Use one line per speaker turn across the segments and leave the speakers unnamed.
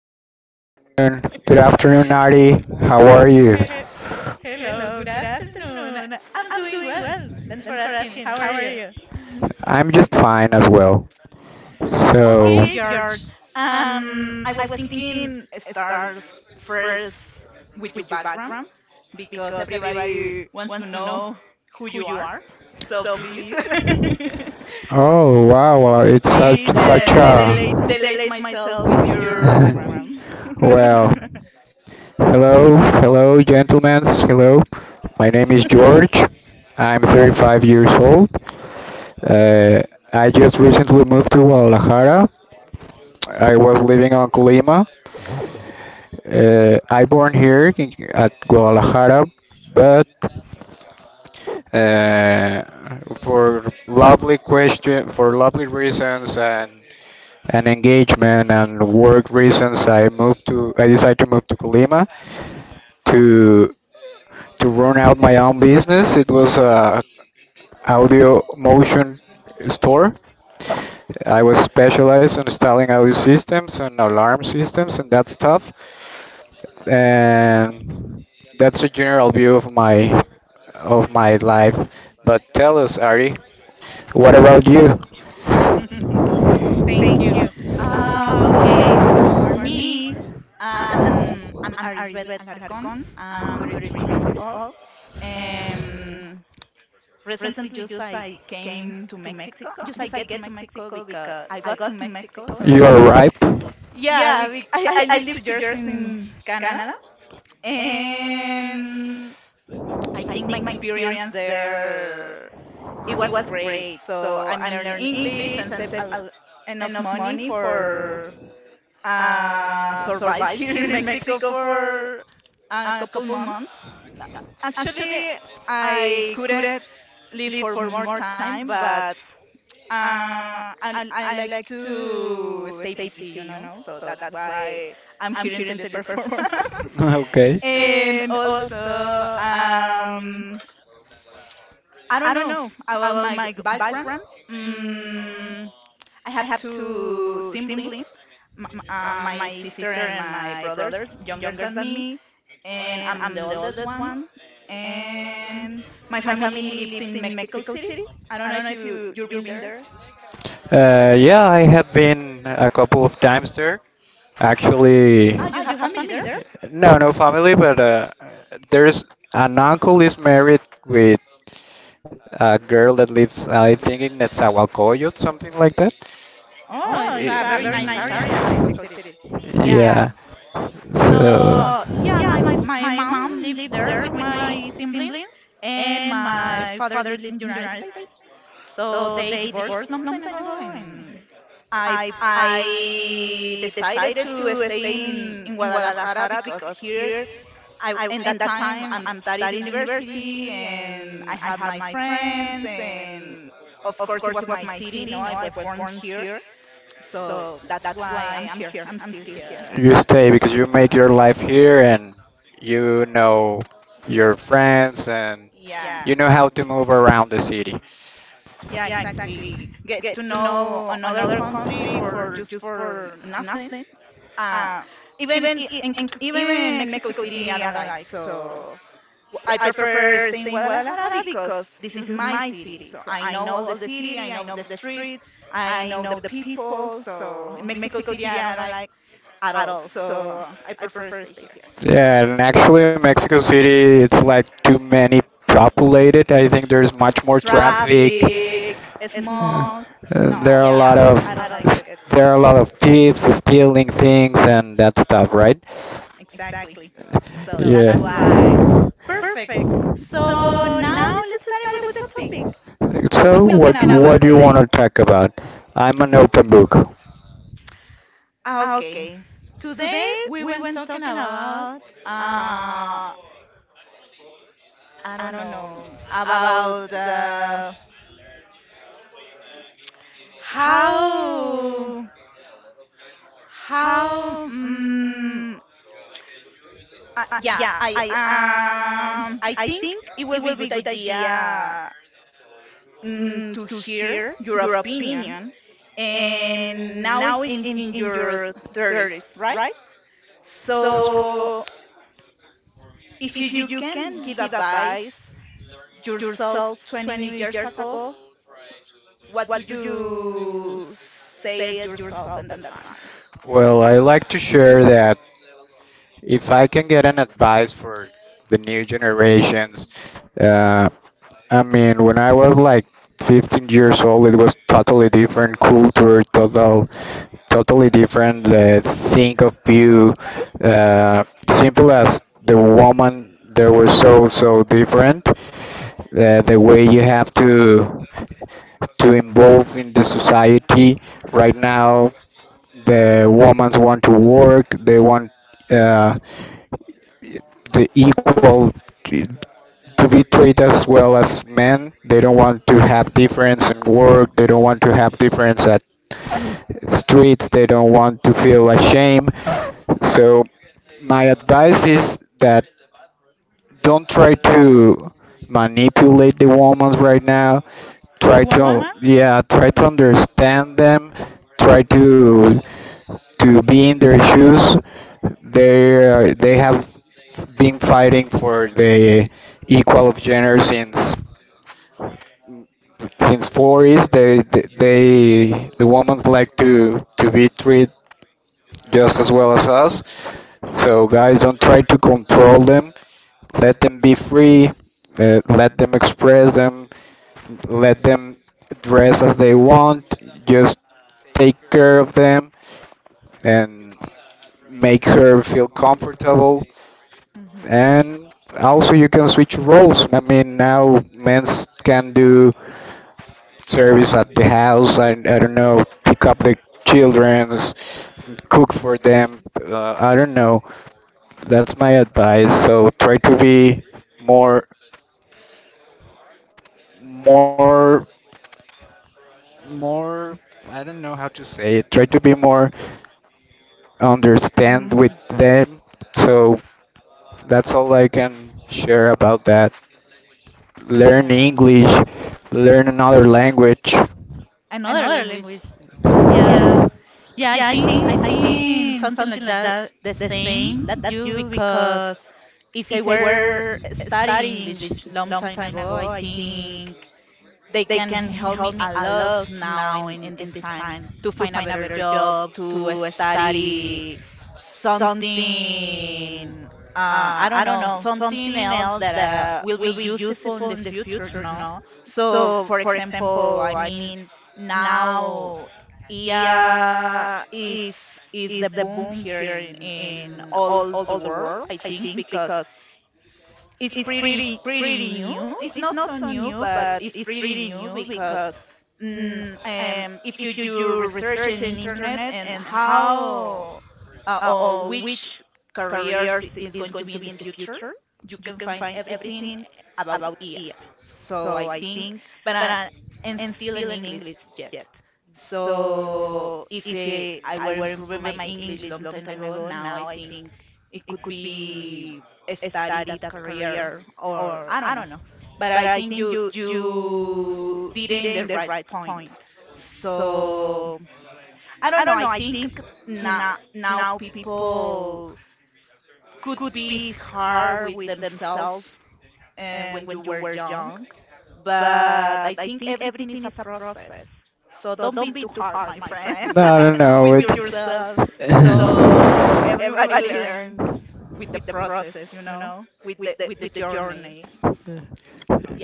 guys, good afternoon. Good afternoon, Nadi. How are you?
He- Hello, good afternoon. I'm doing well. Thanks for asking. How are you?
I'm just fine as well. So,
Okay, George. I was thinking start first with your background because everybody wants to know who you are. So please,
oh wow, wow, it's such
please
such
delete
a
delete myself with your background.
well. Hello, hello, gentlemen. Hello, my name is George. I'm 35 years old. Uh, I just recently moved to Guadalajara. I was living on Colima. I born here in, at Guadalajara, but uh, for lovely question, for lovely reasons and engagement and work reasons, I decided to move to Colima to run out my own business. It was a audio motion store. I was specialized in installing audio systems and alarm systems and that stuff, and that's a general view of my life. But tell us, Ari, what about you?
Thank you. Okay, for me, I'm Arisbet Alarcón. I'm 33 years old. Um, Recently, just I came to Mexico. Just I get to Mexico because I got to Mexico.
You
Sorry.
arrived.
Yeah, bec I lived 2 years in Canada, and I think my experience there it was great. So I'm learning English and save enough money for survive here in Mexico for a couple months. Actually, I couldn't live for more time, but I like to stay busy. So that's why I'm here in teleperformance.
Okay.
And also I don't know about my background. Mm, I have two siblings, my sister and my brothers, younger than me, and I'm the oldest one. And my family lives in Mexico City. I don't know if you've been there.
Yeah, I have been a couple of times there. Actually,
Ah, you have family there?
no, no family, but there's an uncle is married with a girl that lives, I think, in Netzahualcoyot, something like that.
Oh, it's a
Yes.
very nice area in Mexico City.
Yeah.
Yeah.
So.
So yeah, my mom lives there with my siblings, and my father lives in the United States. So they divorced long time ago, and I decided to stay in Guadalajara because here I in that time I'm studied university and I had my friends and of course it was my city. No, I was born here, so that's why I'm here. I'm still here.
You stay because you make your life here and you know your friends and
Yeah,
you know how to move around the city.
yeah, exactly. Get to know another country for just for nothing. Uh, even i- in, Even Mexico City I don't like. So I prefer staying in Guadalajara because this is my city. So I know all the city, I know the streets, I know the people. So in Mexico City, I don't like at all. So I prefer stay here.
Yeah, and actually, Mexico City, it's like too many populated. I think there's much more traffic.
Traffic,
Yeah.
smog. No,
There are a lot
yeah,
of
I don't
s-
like it
there are a lot of thieves stealing things and that stuff, right?
exactly. So
Yeah.
that's why. Perfect. So now let's start it with the topic. What
So
we
what
talking
what
about
do you want
today?
to talk about? I'm an open book.
Ah, okay. Today we were talking about uh I don't know about how how yeah I think it will be a good idea to hear your opinion, and now it's in your 30s, right? So if you can give advice yourself 20 years ago, what do you say at yourself in that time?
Well, I like to share that if I can get an advice for the new generations, uh, I mean, when I was like 15 years old, it was totally different culture, totally different the think of you. Uh, simple as the woman, they were so different. The way you have to involve in the society right now, the women want to work. They want. Uh, the equal t- to be treated as well as men. They don't want to have difference in work. They don't want to have difference at streets. They don't want to feel ashamed. So my advice is that don't try to manipulate the woman right now. Try
Woman.
to yeah, try to understand them. Try to be in their shoes. They have been fighting for the equal of gender since '40s. The women like to be treated just as well as us. So guys, don't try to control them, let them be free, let them express them, let them dress as they want, just take care of them and make her feel comfortable. And also, you can switch roles. I mean, now men can do service at the house, and I don't know, pick up the children's, cook for them. I don't know. That's my advice. So try to be more more more. I don't know how to say it. Try to be more understand
Mm.
with them. So that's all I can share about that. Learn
Yeah.
English, learn another language.
Another language. Yeah. Yeah, I think something like that, the same that you, because if I were studying English long time ago, I think they can help me a lot now in this time to find a better job, to study something I don't know, something else that will be useful in the future, no? So for example, I mean now IA is the boom here in all the world, I think, because it's pretty pretty new. It's not so new, but it's pretty new because if you do research in internet and how or which careers is going to be in the future. You can find everything about EA. So I think, but I, and still in English yet. So if I were improving my English long time ago, now I think it could be a study that career or I don't know. But I think you did it in the right point. So I don't know. I think now now people could be hard with themselves and when you were young, but I think everything is a process, so don't be too hard, my friend.
No, no, no.
With
It's
yourself, so everybody learns with the process, with the journey.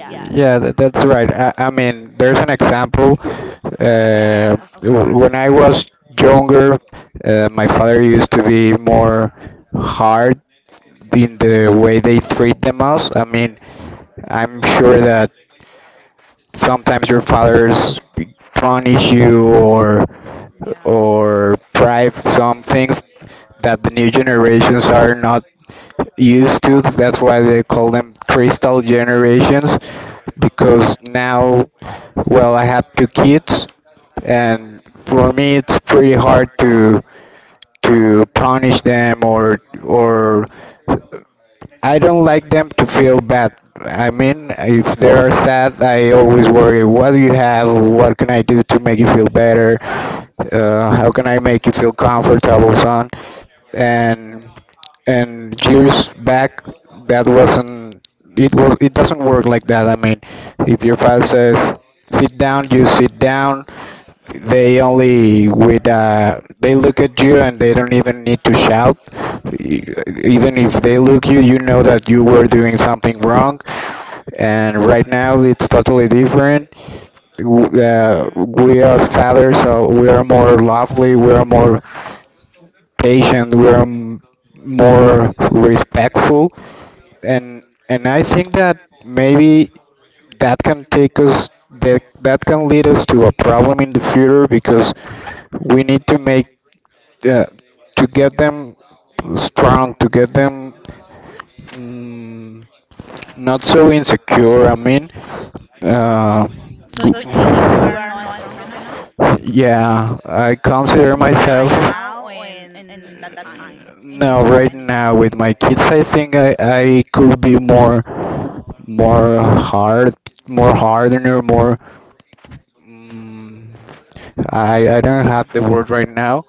Yeah,
yeah, that's right. I mean, there's an example.
yeah, of course.
When I was younger, my father used to be more hard in the way they treat them us. I mean, I'm sure that sometimes your fathers punish you or prive some things that the new generations are not used to. That's why they call them crystal generations because now, well, I have two kids, and for me, it's pretty hard to punish them or I don't like them to feel bad. I mean, if they are sad, I always worry, what do you have? What can I do to make you feel better? How can I make you feel comfortable, son? and and years back that wasn't, it was, it doesn't work like that. I mean, if your father says sit down, you sit down. They only with they look at you, and they don't even need to shout. E- even if they look you, you know that you were doing something wrong. And right now it's totally different.
Mhm.
We as fathers, so we are more lovely, we are more patient, more respectful. And I think that maybe that can take us, that that can lead us to a problem in the future because we need to make uh, to get them strong, to get them, mm, not so insecure. I mean, uh,
So you think you are not strong enough?
yeah, I consider myself,
Right now or in that time, in
no,
your
right
20s?
now with my kids, I think I could be more, more hard, more hardener, more. Mm, I don't have the word right now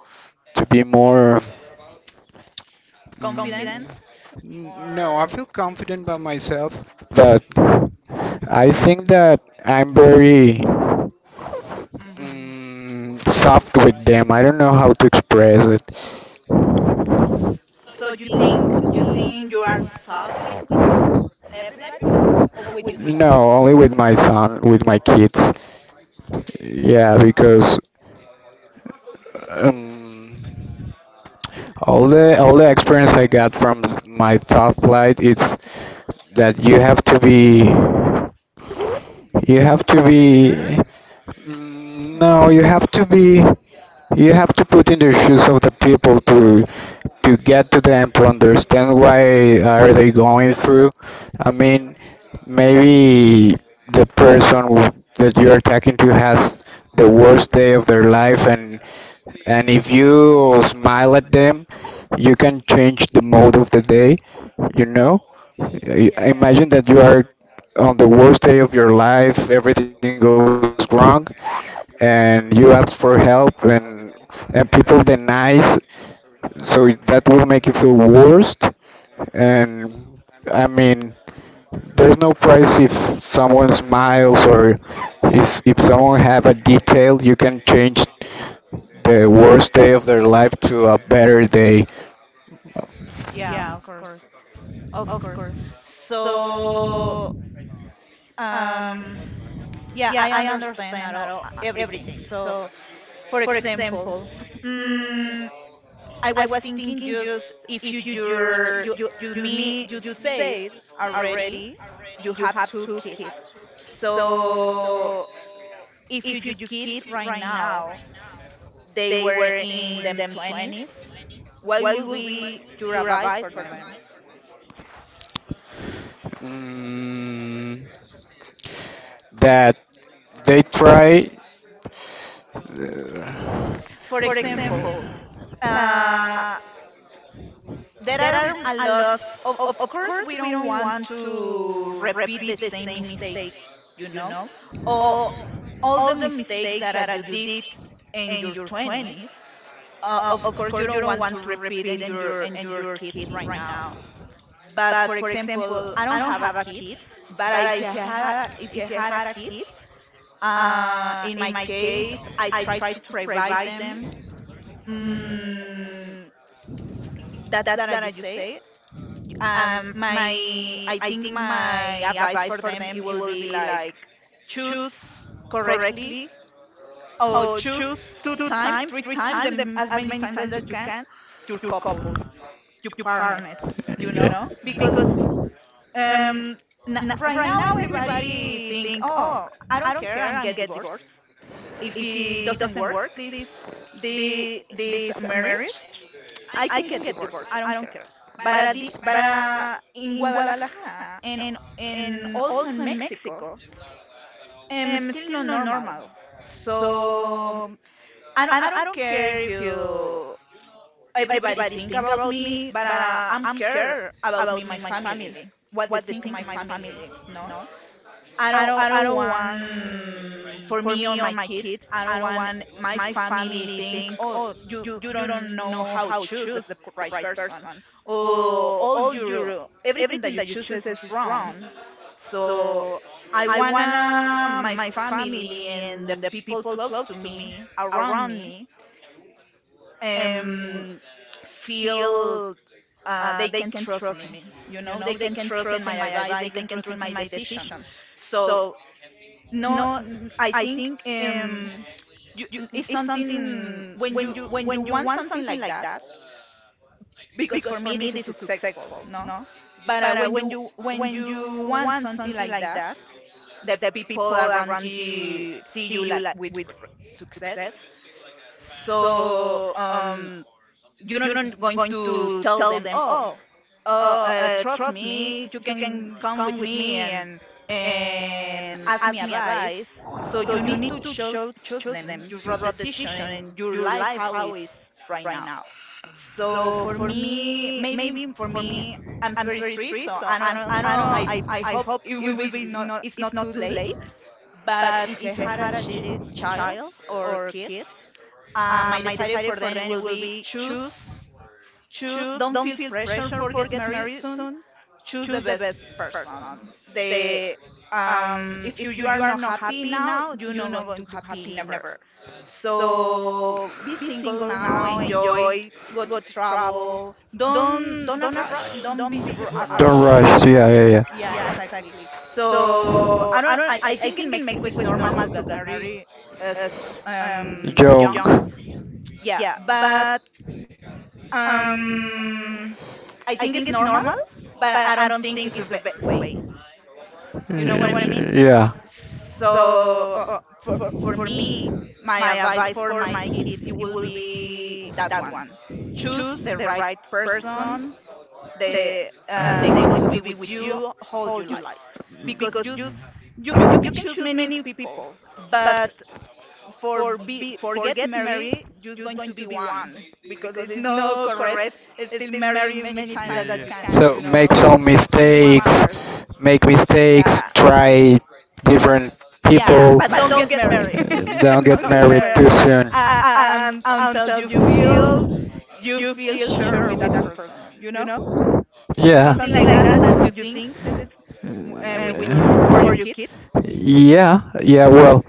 to be more. Mm,
Confident
no, I
or
feel confident about myself, but I think that I'm very,
mhm.
mm, soft with them. I don't know how to express it.
So you think you are soft with everybody or with
No,
yourself?
only with my son, with my kids. Yeah,
Uh,
because um, all the experience I got from my thought flight it's that you have to be, you have to
Stricter?
be, mm, no, you have to be, you have to put in the shoes of the people to get to them to understand why are they going through. I mean, maybe the person that you're talking to has the worst day of their life, and if you smile at them, you can change the mode of the day. You know, I
Yeah. I
imagine
think.
that you are on the worst day of your life, everything goes wrong, and you ask for help and people denies, so that will make you feel worst. And I mean, there's no price if someone smiles or is, if someone have a detail, you can change the worst day of their life to a better day.
Yeah, of course. Of course. So um yeah, I understand at all, everything. So for example, mm, I was thinking, just if you you're, you me you said already you have two kids. So if you do kids right now, they were in them 20s, what would be your advice for them?
Mm, that they try, uh,
For example, uh, there are a lot of course we don't want to repeat the same mistakes, you know, or all the mistakes that you did in your 20s. Of course you don't want to repeat in your kids right now. But for example, I don't have a kids, but if I had a kids, in my case, I try to provide them. Mm, that's that I just say. My I think my advice for them, it will be like choose correctly, or choose two times, three times, them as many times as you can, your couple, your partner, you
yeah.
know, because um right now everybody think, oh, I don't care, I'm get divorced. If it doesn't work this the this marriage, I can get divorced. I don't care. But at the but in Guadalajara and also in Mexico, still not normal. So I don't care if you everybody think about me, but I'm care about me, my family, what they think, my family, no. I don't want for me or my kids, I don't want my family think, "Oh, you don't know how to choose the right person." Or all your everything that you chooses is wrong. So I wanna my family and the people close to me, around me, um feel they can trust me. You know, they can trust in my advice, they can trust in my decisions. So no I think you it's something when you want something like that, because for me this is successful, no? But when you want something like that, the people around you see you like with success. So you're not going to tell them, oh. Oh, trust me, you can come with me and ask me advice. So you need to choose them, your road decision and your life how is right now. So for me, maybe for me, I'm 33, so I don't, I don't, I hope it will be not, it's not too late. But if I had a child or kids, I decided for them, it will be choose, choose. Don't feel pressure for get married soon, choose the best person. The If you are not happy now, you're not going to happy never. So be single now, enjoy, go to travel. Don't a rush. Don't be a
Don't
rush.
rush. Yeah, yeah, yeah.
Yeah, exactly. So I don't. I think in Mexico it's normal to get married as
Jong.
young. Yeah, but um I think it's normal, but I don't think it's the best way. You know what I mean?
Y- yeah.
So for me, my advice for my kids, it will be that one: choose the right person. They they're going to be with you all your life because you s- you can choose many people, but for get married, you're going to be one because it's no correct. It's still marry many times that you can,
So
you
make
know,
some
choose one
mistakes,
person.
make mistakes,
Yeah.
try different
Yeah,
people,
but don't get married.
don't get
Don't get
married too
married.
soon.
And until you feel sure with that person, you know,
Yeah.
something like that, that you think this with your for
Uh,
your kids.
yeah, well,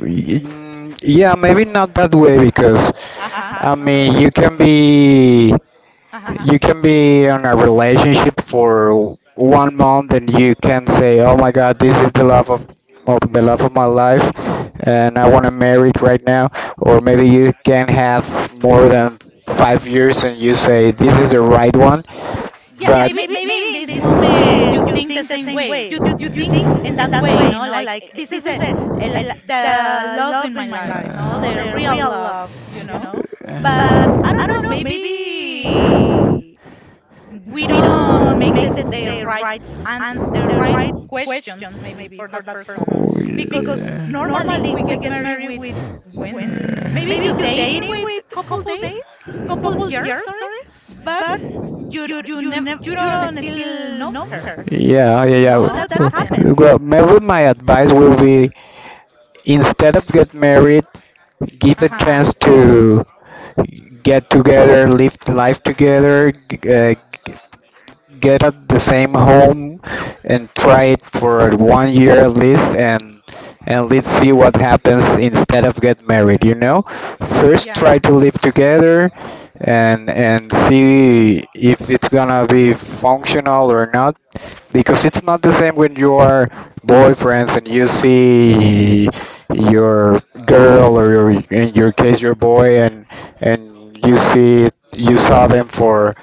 mm, yeah, maybe not that way because
Uh huh.
I mean,
Okay.
you can be,
Uh huh.
you can be on a relationship for 1 month and you can say, "Oh my God, this is the love of the love of my life, and I want to marry it right now." Or maybe you can have more than 5 years and you say, "This is the right one,"
Yeah,
but
maybe in this moment you think the same way. You think in that way, like this is a, the love in my life, no, the real love, you know. But I don't know,
uh,
maybe we don't make the right and the right questions maybe for that person,
oh, because
because normally
yeah.
we get married with when maybe you
Yeah.
dating with couple days, couple years, sorry, but you never you don't still know her,
Yeah, yeah, yeah.
no, that
So that's, well,
happens.
what I, well, maybe my advice will be instead of get married, give a
Uh-huh.
chance to get together, live life together, get at the same home and try it for 1 year at least, and let's see what happens instead of get married, you know, first try
Yeah.
to live together, and see if it's gonna be functional or not because it's not the same when you are boyfriends and you see your girl or your, in your case your boy, and you see, you saw them for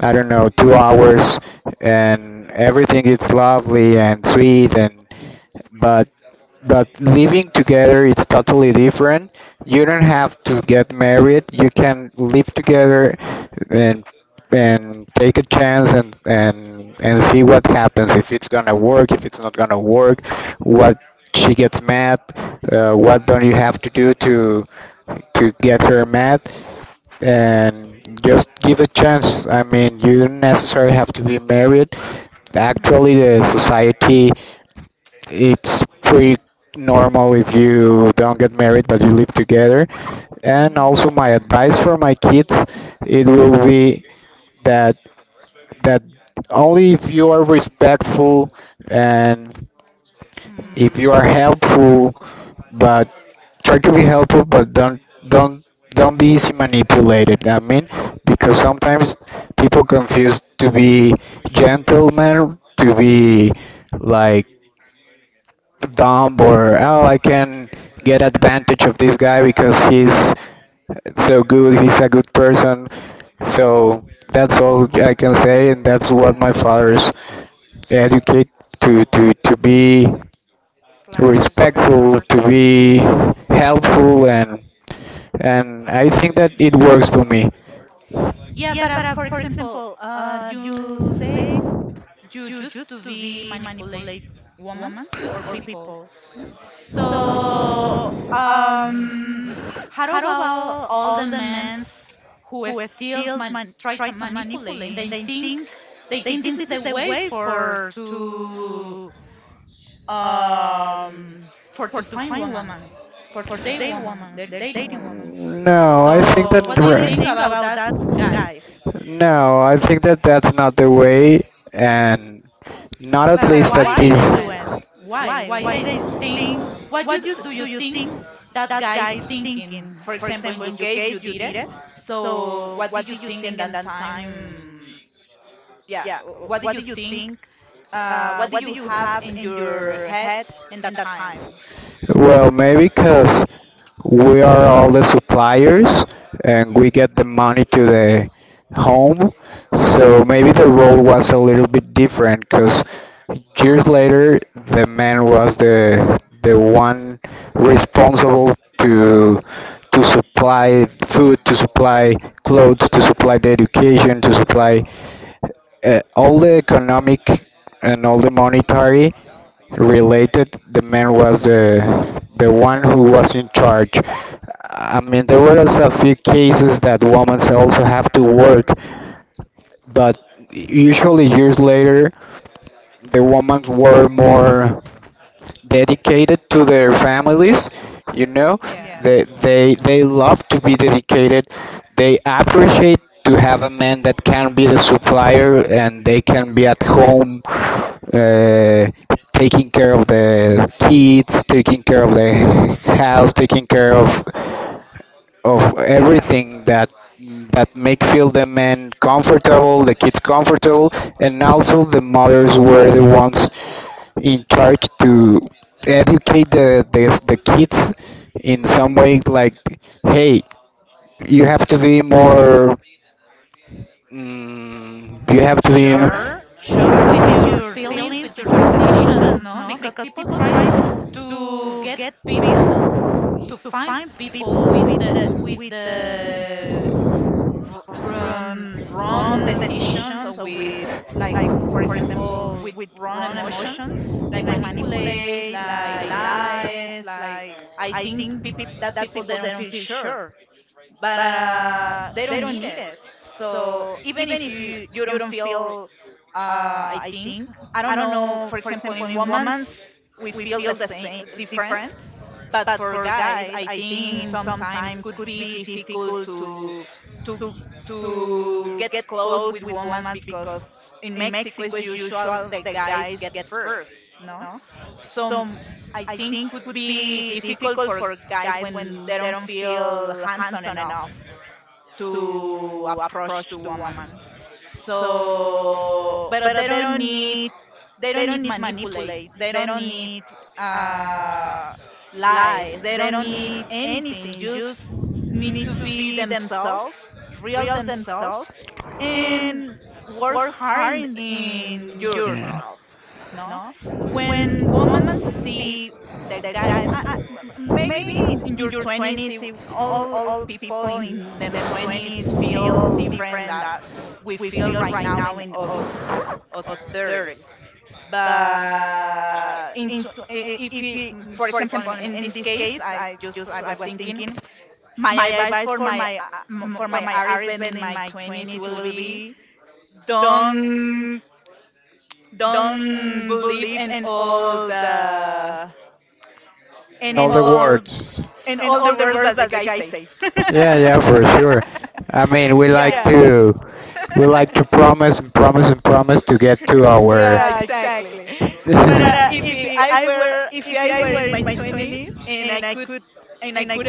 I don't know, 2 hours, and everything is lovely and sweet, and but but living together it's totally different. You don't have to get married. You can live together and take a chance and see what happens. If it's gonna work, if it's not gonna work, what, she gets mad, what don't you have to do to get her mad, and just give a chance. I mean, you don't necessarily have to be married.
Mhm.
Actually, the society it's pretty normal if you don't get married but you live together. And
Mhm.
also, my advice for my kids it will be that that only if you are respectful and, if you are
Mm,
helpful, but try to be helpful but don't, don't don't be easy manipulated. I mean, because sometimes people confuse to be gentleman to be like dumb, or oh, I can get advantage of this guy because he's so good, he's a good person. So that's all I can say, and that's what my father's educate, to be
claro, of
respectful,
course.
to be helpful, and I think that it works for me.
Yeah, but for example, you said you used to be manipulate women or people. So, um, how about all the men who still try to manipulate, and they think this is the way um for to find women, for to date women, they're dating women.
No, I think
So,
that.
what do you think about that, guys?
No, I think that that's not the way, and not at
But
least at
why they
this.
do it? Why? Why they think? What you do you think that guy is thinking? For example, in your case, you did it. So what did you think in that time? Yeah, what did you think? What do you have in your head in that time?
Well, maybe because we are all the suppliers and we get the money to the home. So maybe the role was a little bit different because years
Okay.
later the man was the one responsible to supply food, to supply clothes, to supply the education, to supply all the economic and all the monetary related. The man was the one who was in charge. I mean, there was a few cases that women also have to work, but usually years later the women were more dedicated to their families, you know
Yeah.
they they love to be dedicated. They appreciate to have a man that can be the supplier and they can be at home, uh, taking care of the kids, taking care of the house, taking care of
Yeah.
everything that that make feel the men comfortable, the kids comfortable, and also the mothers were the ones in charge to educate the kids in some way like, hey, you have to be more, you have to be.
Sure. Sure. With your feelings, with your decisions, no? Because people try to get people to find people with the with the wrong decisions, or with, like, for example, with wrong emotions, like manipulate, like lies, like that people, they don't feel sure, but they don't need it. So even if you don't feel, I think, I don't know, for example, in women's, we feel the same, different. But for guys, I think sometimes could be difficult to to to get close with women because in Mexico, it's usual, the guys get first, no? So I think would be difficult for guys when they don't feel handsome enough to approach to woman. So, but they don't need manipulate. They don't need uh lies. They don't need anything. Just need to be themselves, real themselves, and work hard in yourself. No, when women see the guy, I, maybe in your twenties, all people in them twenties feel different that we feel right now in us us thirties into if you, for example, in this case, I was thinking my advice for my RSN in my twenties will be don't don't believe in all the in
Know the
all
words.
in all the words that the guy say.
Yeah, yeah, for sure. I mean, we like
Yeah.
to we like to promise and promise and promise to get to our.
Yeah, exactly. But if I were in my twenties and I could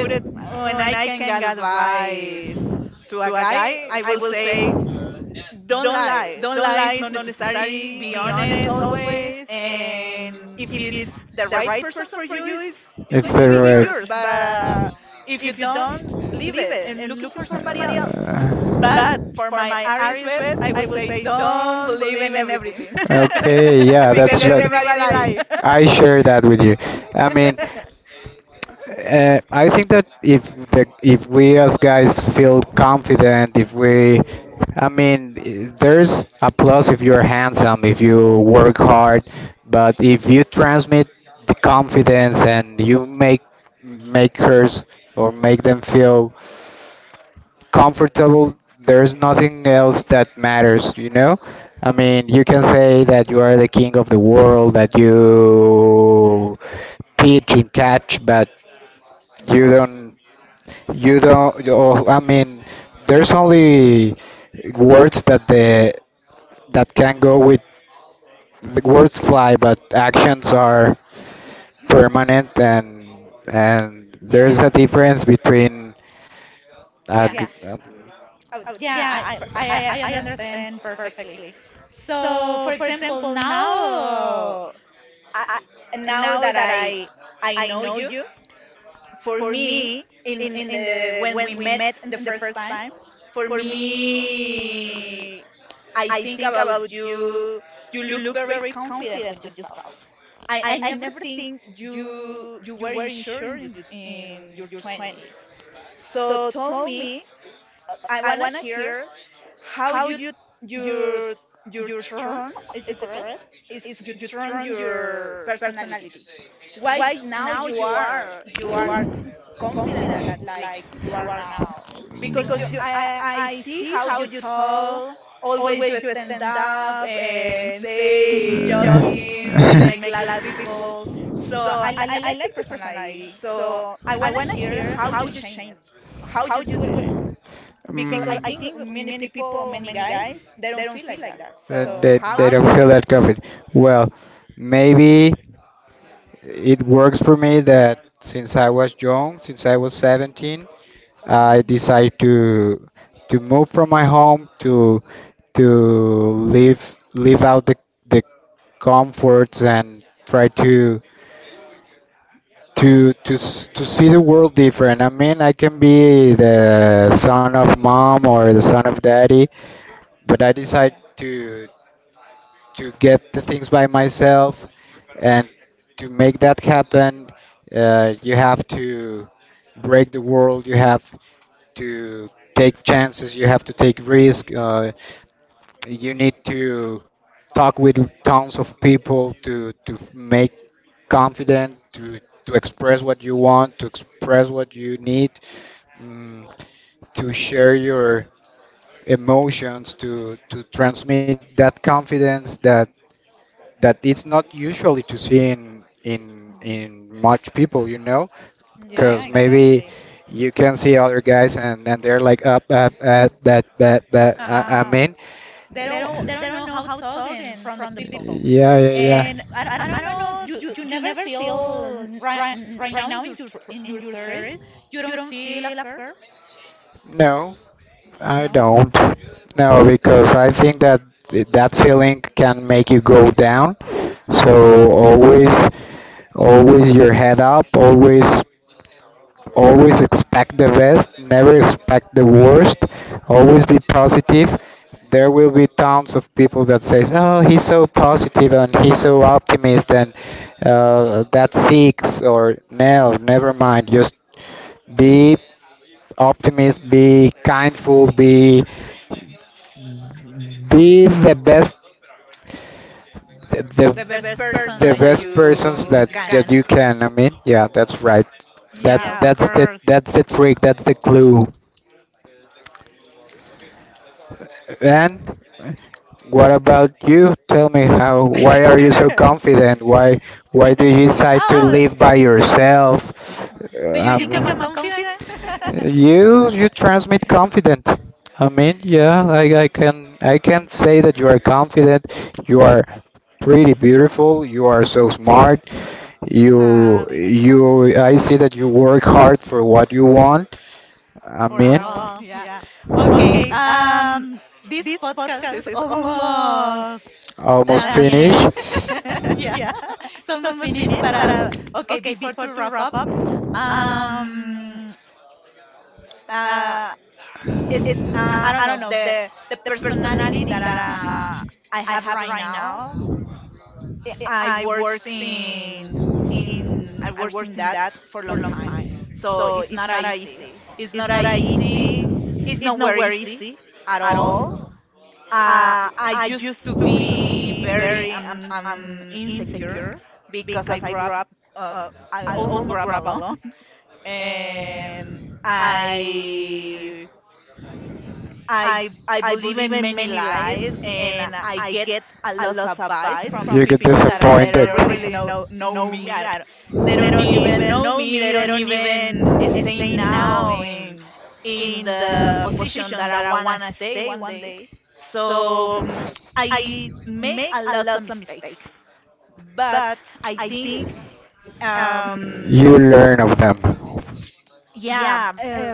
when I can give advice to a guy, I will say don't lie. Don't lie is not necessary. Be honest always, and if it's the right person for you, it's
It's
going to
the
be
right.
yours. But if you don't, leave it and looking for somebody else. But for my Aries bet, I will say
Uh,
don't believe in everything.
Okay, yeah,
Because
that's that.
everybody lies.
I share that with you. I mean, I think that if the if we as guys feel confident, if we, I mean, there's a plus if you're handsome, if you work hard, but if you transmit the confidence and you make make hers or make them feel comfortable, there's nothing else that matters, you know? I mean, you can say that you are the king of the world, that you pitch and catch, but you don't, I mean, there's only words that the that can go with. The words fly, but actions are permanent, and
Yeah,
there's a difference between a
yeah,
g-
oh, yeah. I understand perfectly. So, for example, now I, now that I know you, for me, in the when we met in the first time, for me I think about you. You look very confident with yourself. I never think you were insured in your twenties. So tell me, I wanna hear how you your your turn, is it correct? Is you turn your personality? Why now you are confident like you are now because you I see how you talk, always you stand up and say jokings and
Uh,
make laugh people. So I like the personality, so I wanna hear how you change it, how you do it, because I
mm,
think many people, many guys, they don't feel
like
like that.
that.
So
they, they
how
they
you
don't
do
feel
it?
that confident. Well, maybe it works for me that since I was young, since I was 17,
Hmm.
I decided to move from my home to live live out the comforts and try to see the world different. I mean, I can be the son of mom or the son of daddy, but I decide to get the things by myself, and to make that happen, you have to break the world. You have to take chances. You have to take risk. You need to talk with tons of people to make confident to express what you want, to express what you need, mm, to share your emotions, to transmit that confidence that that it's not usually to see in in much people, you know,
Yeah,
because
exactly.
maybe you can see other guys and they're like up up up that that that
Uh huh.
I mean.
They don't know how talking from the people.
Yeah, yeah, yeah.
And I, I don't know, you never feel right right now in your in your thirties, you don't feel after,
No, I
no?
don't. No, because I think that that feeling can make you go down. So always, always your head up. Always, always expect the best. Never expect the worst. Always be positive. There will be tons of people that says, "Oh, he's so positive and he's so optimist," and that's six or no, never mind. Just be optimist, be kindful, be the best the
The best person
the
that
best persons
you
that
can.
that you can. I mean, yeah, that's right.
Yeah,
That's
of
that's
course.
the that's the trick. That's the clue. And what about you? Tell me how, why are you so confident? Why do you decide to
Oh,
live by yourself?
do you think I'm a
Um,
confident?
you, you transmit confident. I mean, yeah, I can, I can say that you are confident. You are pretty beautiful. You are so smart.
Ah,
You,
thank you.
you, I see that you work hard for what you want. I
For a
mean.
while. Yeah. Okay. This podcast is almost
Almost
at the end.
finished.
Yeah, it's almost finished. But okay, before to wrap up. Um, uh, it's I don't know, the personality that I have right now. I I works in I works in that for a long time, so it's not a easy. It's not a easy. It's nowhere easy at all. I used to be very insecure because I grew up. Uh, I almost grew up alone. And I I I believe in many lies, and I get a lot of advice from
You get
people that I they
disappointed.
don't really know me. I don't- They don't even know me. They don't even stay now in the position that I wanna stay one day. So I make a lot of mistakes, but I think um
You learn of them.
yeah, uh,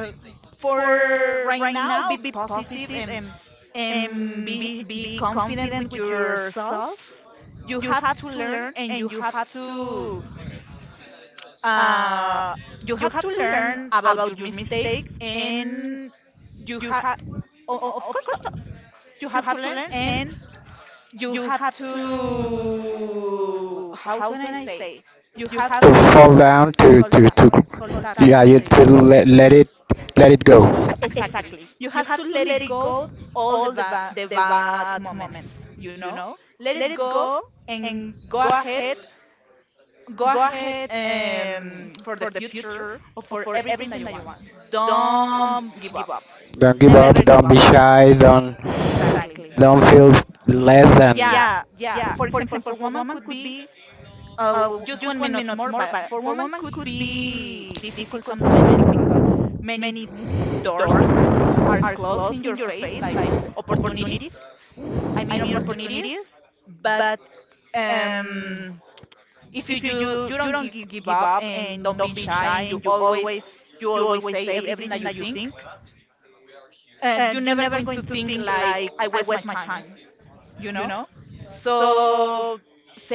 for right now, be positive and be confident with yourself, you have to learn and uh you have to learn about your mistakes and you have, of course, you have to learn and you have to, how can I say, you have
To
to
fall down,
soltar, soltar, cómo se
yeah, you to
dice.
let let it
L-
go.
Exactly. You have to let it go all the bad moments, you know? Let it go and go ahead, go ahead for the future or for everything that you want. Don't give up.
Don't give up.
Never give
Don't
up.
be shy.
Exactly.
Don't feel less than.
Yeah, yeah. For example, for women could be just 1 minute more, but for women could be difficult sometimes because many doors are closed in your face, like opportunities, I mean opportunities, but um if you don't give up and don't be shy, and you always, you always say everything that you think, and you're never going to think like I waste my time, you know? So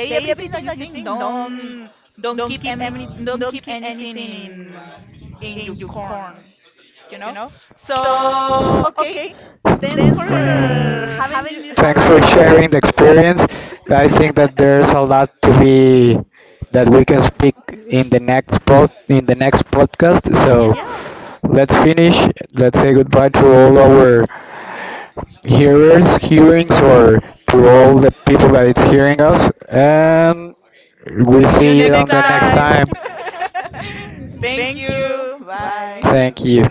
say everything that you think. Don't keep any, don't keep anything in your corn, you know? So okay, thanks for
Uh, thanks for sharing
having.
the experience. I think that there's a lot to be that we can speak in the next in the next podcast. So
Yeah,
let's finish. Let's say goodbye to all our
yeah.
hearers hearings or to all the people that it's hearing us, and we
See
see
you
you on
next
the next
time.
time.
Thank you. Bye.
Thank you.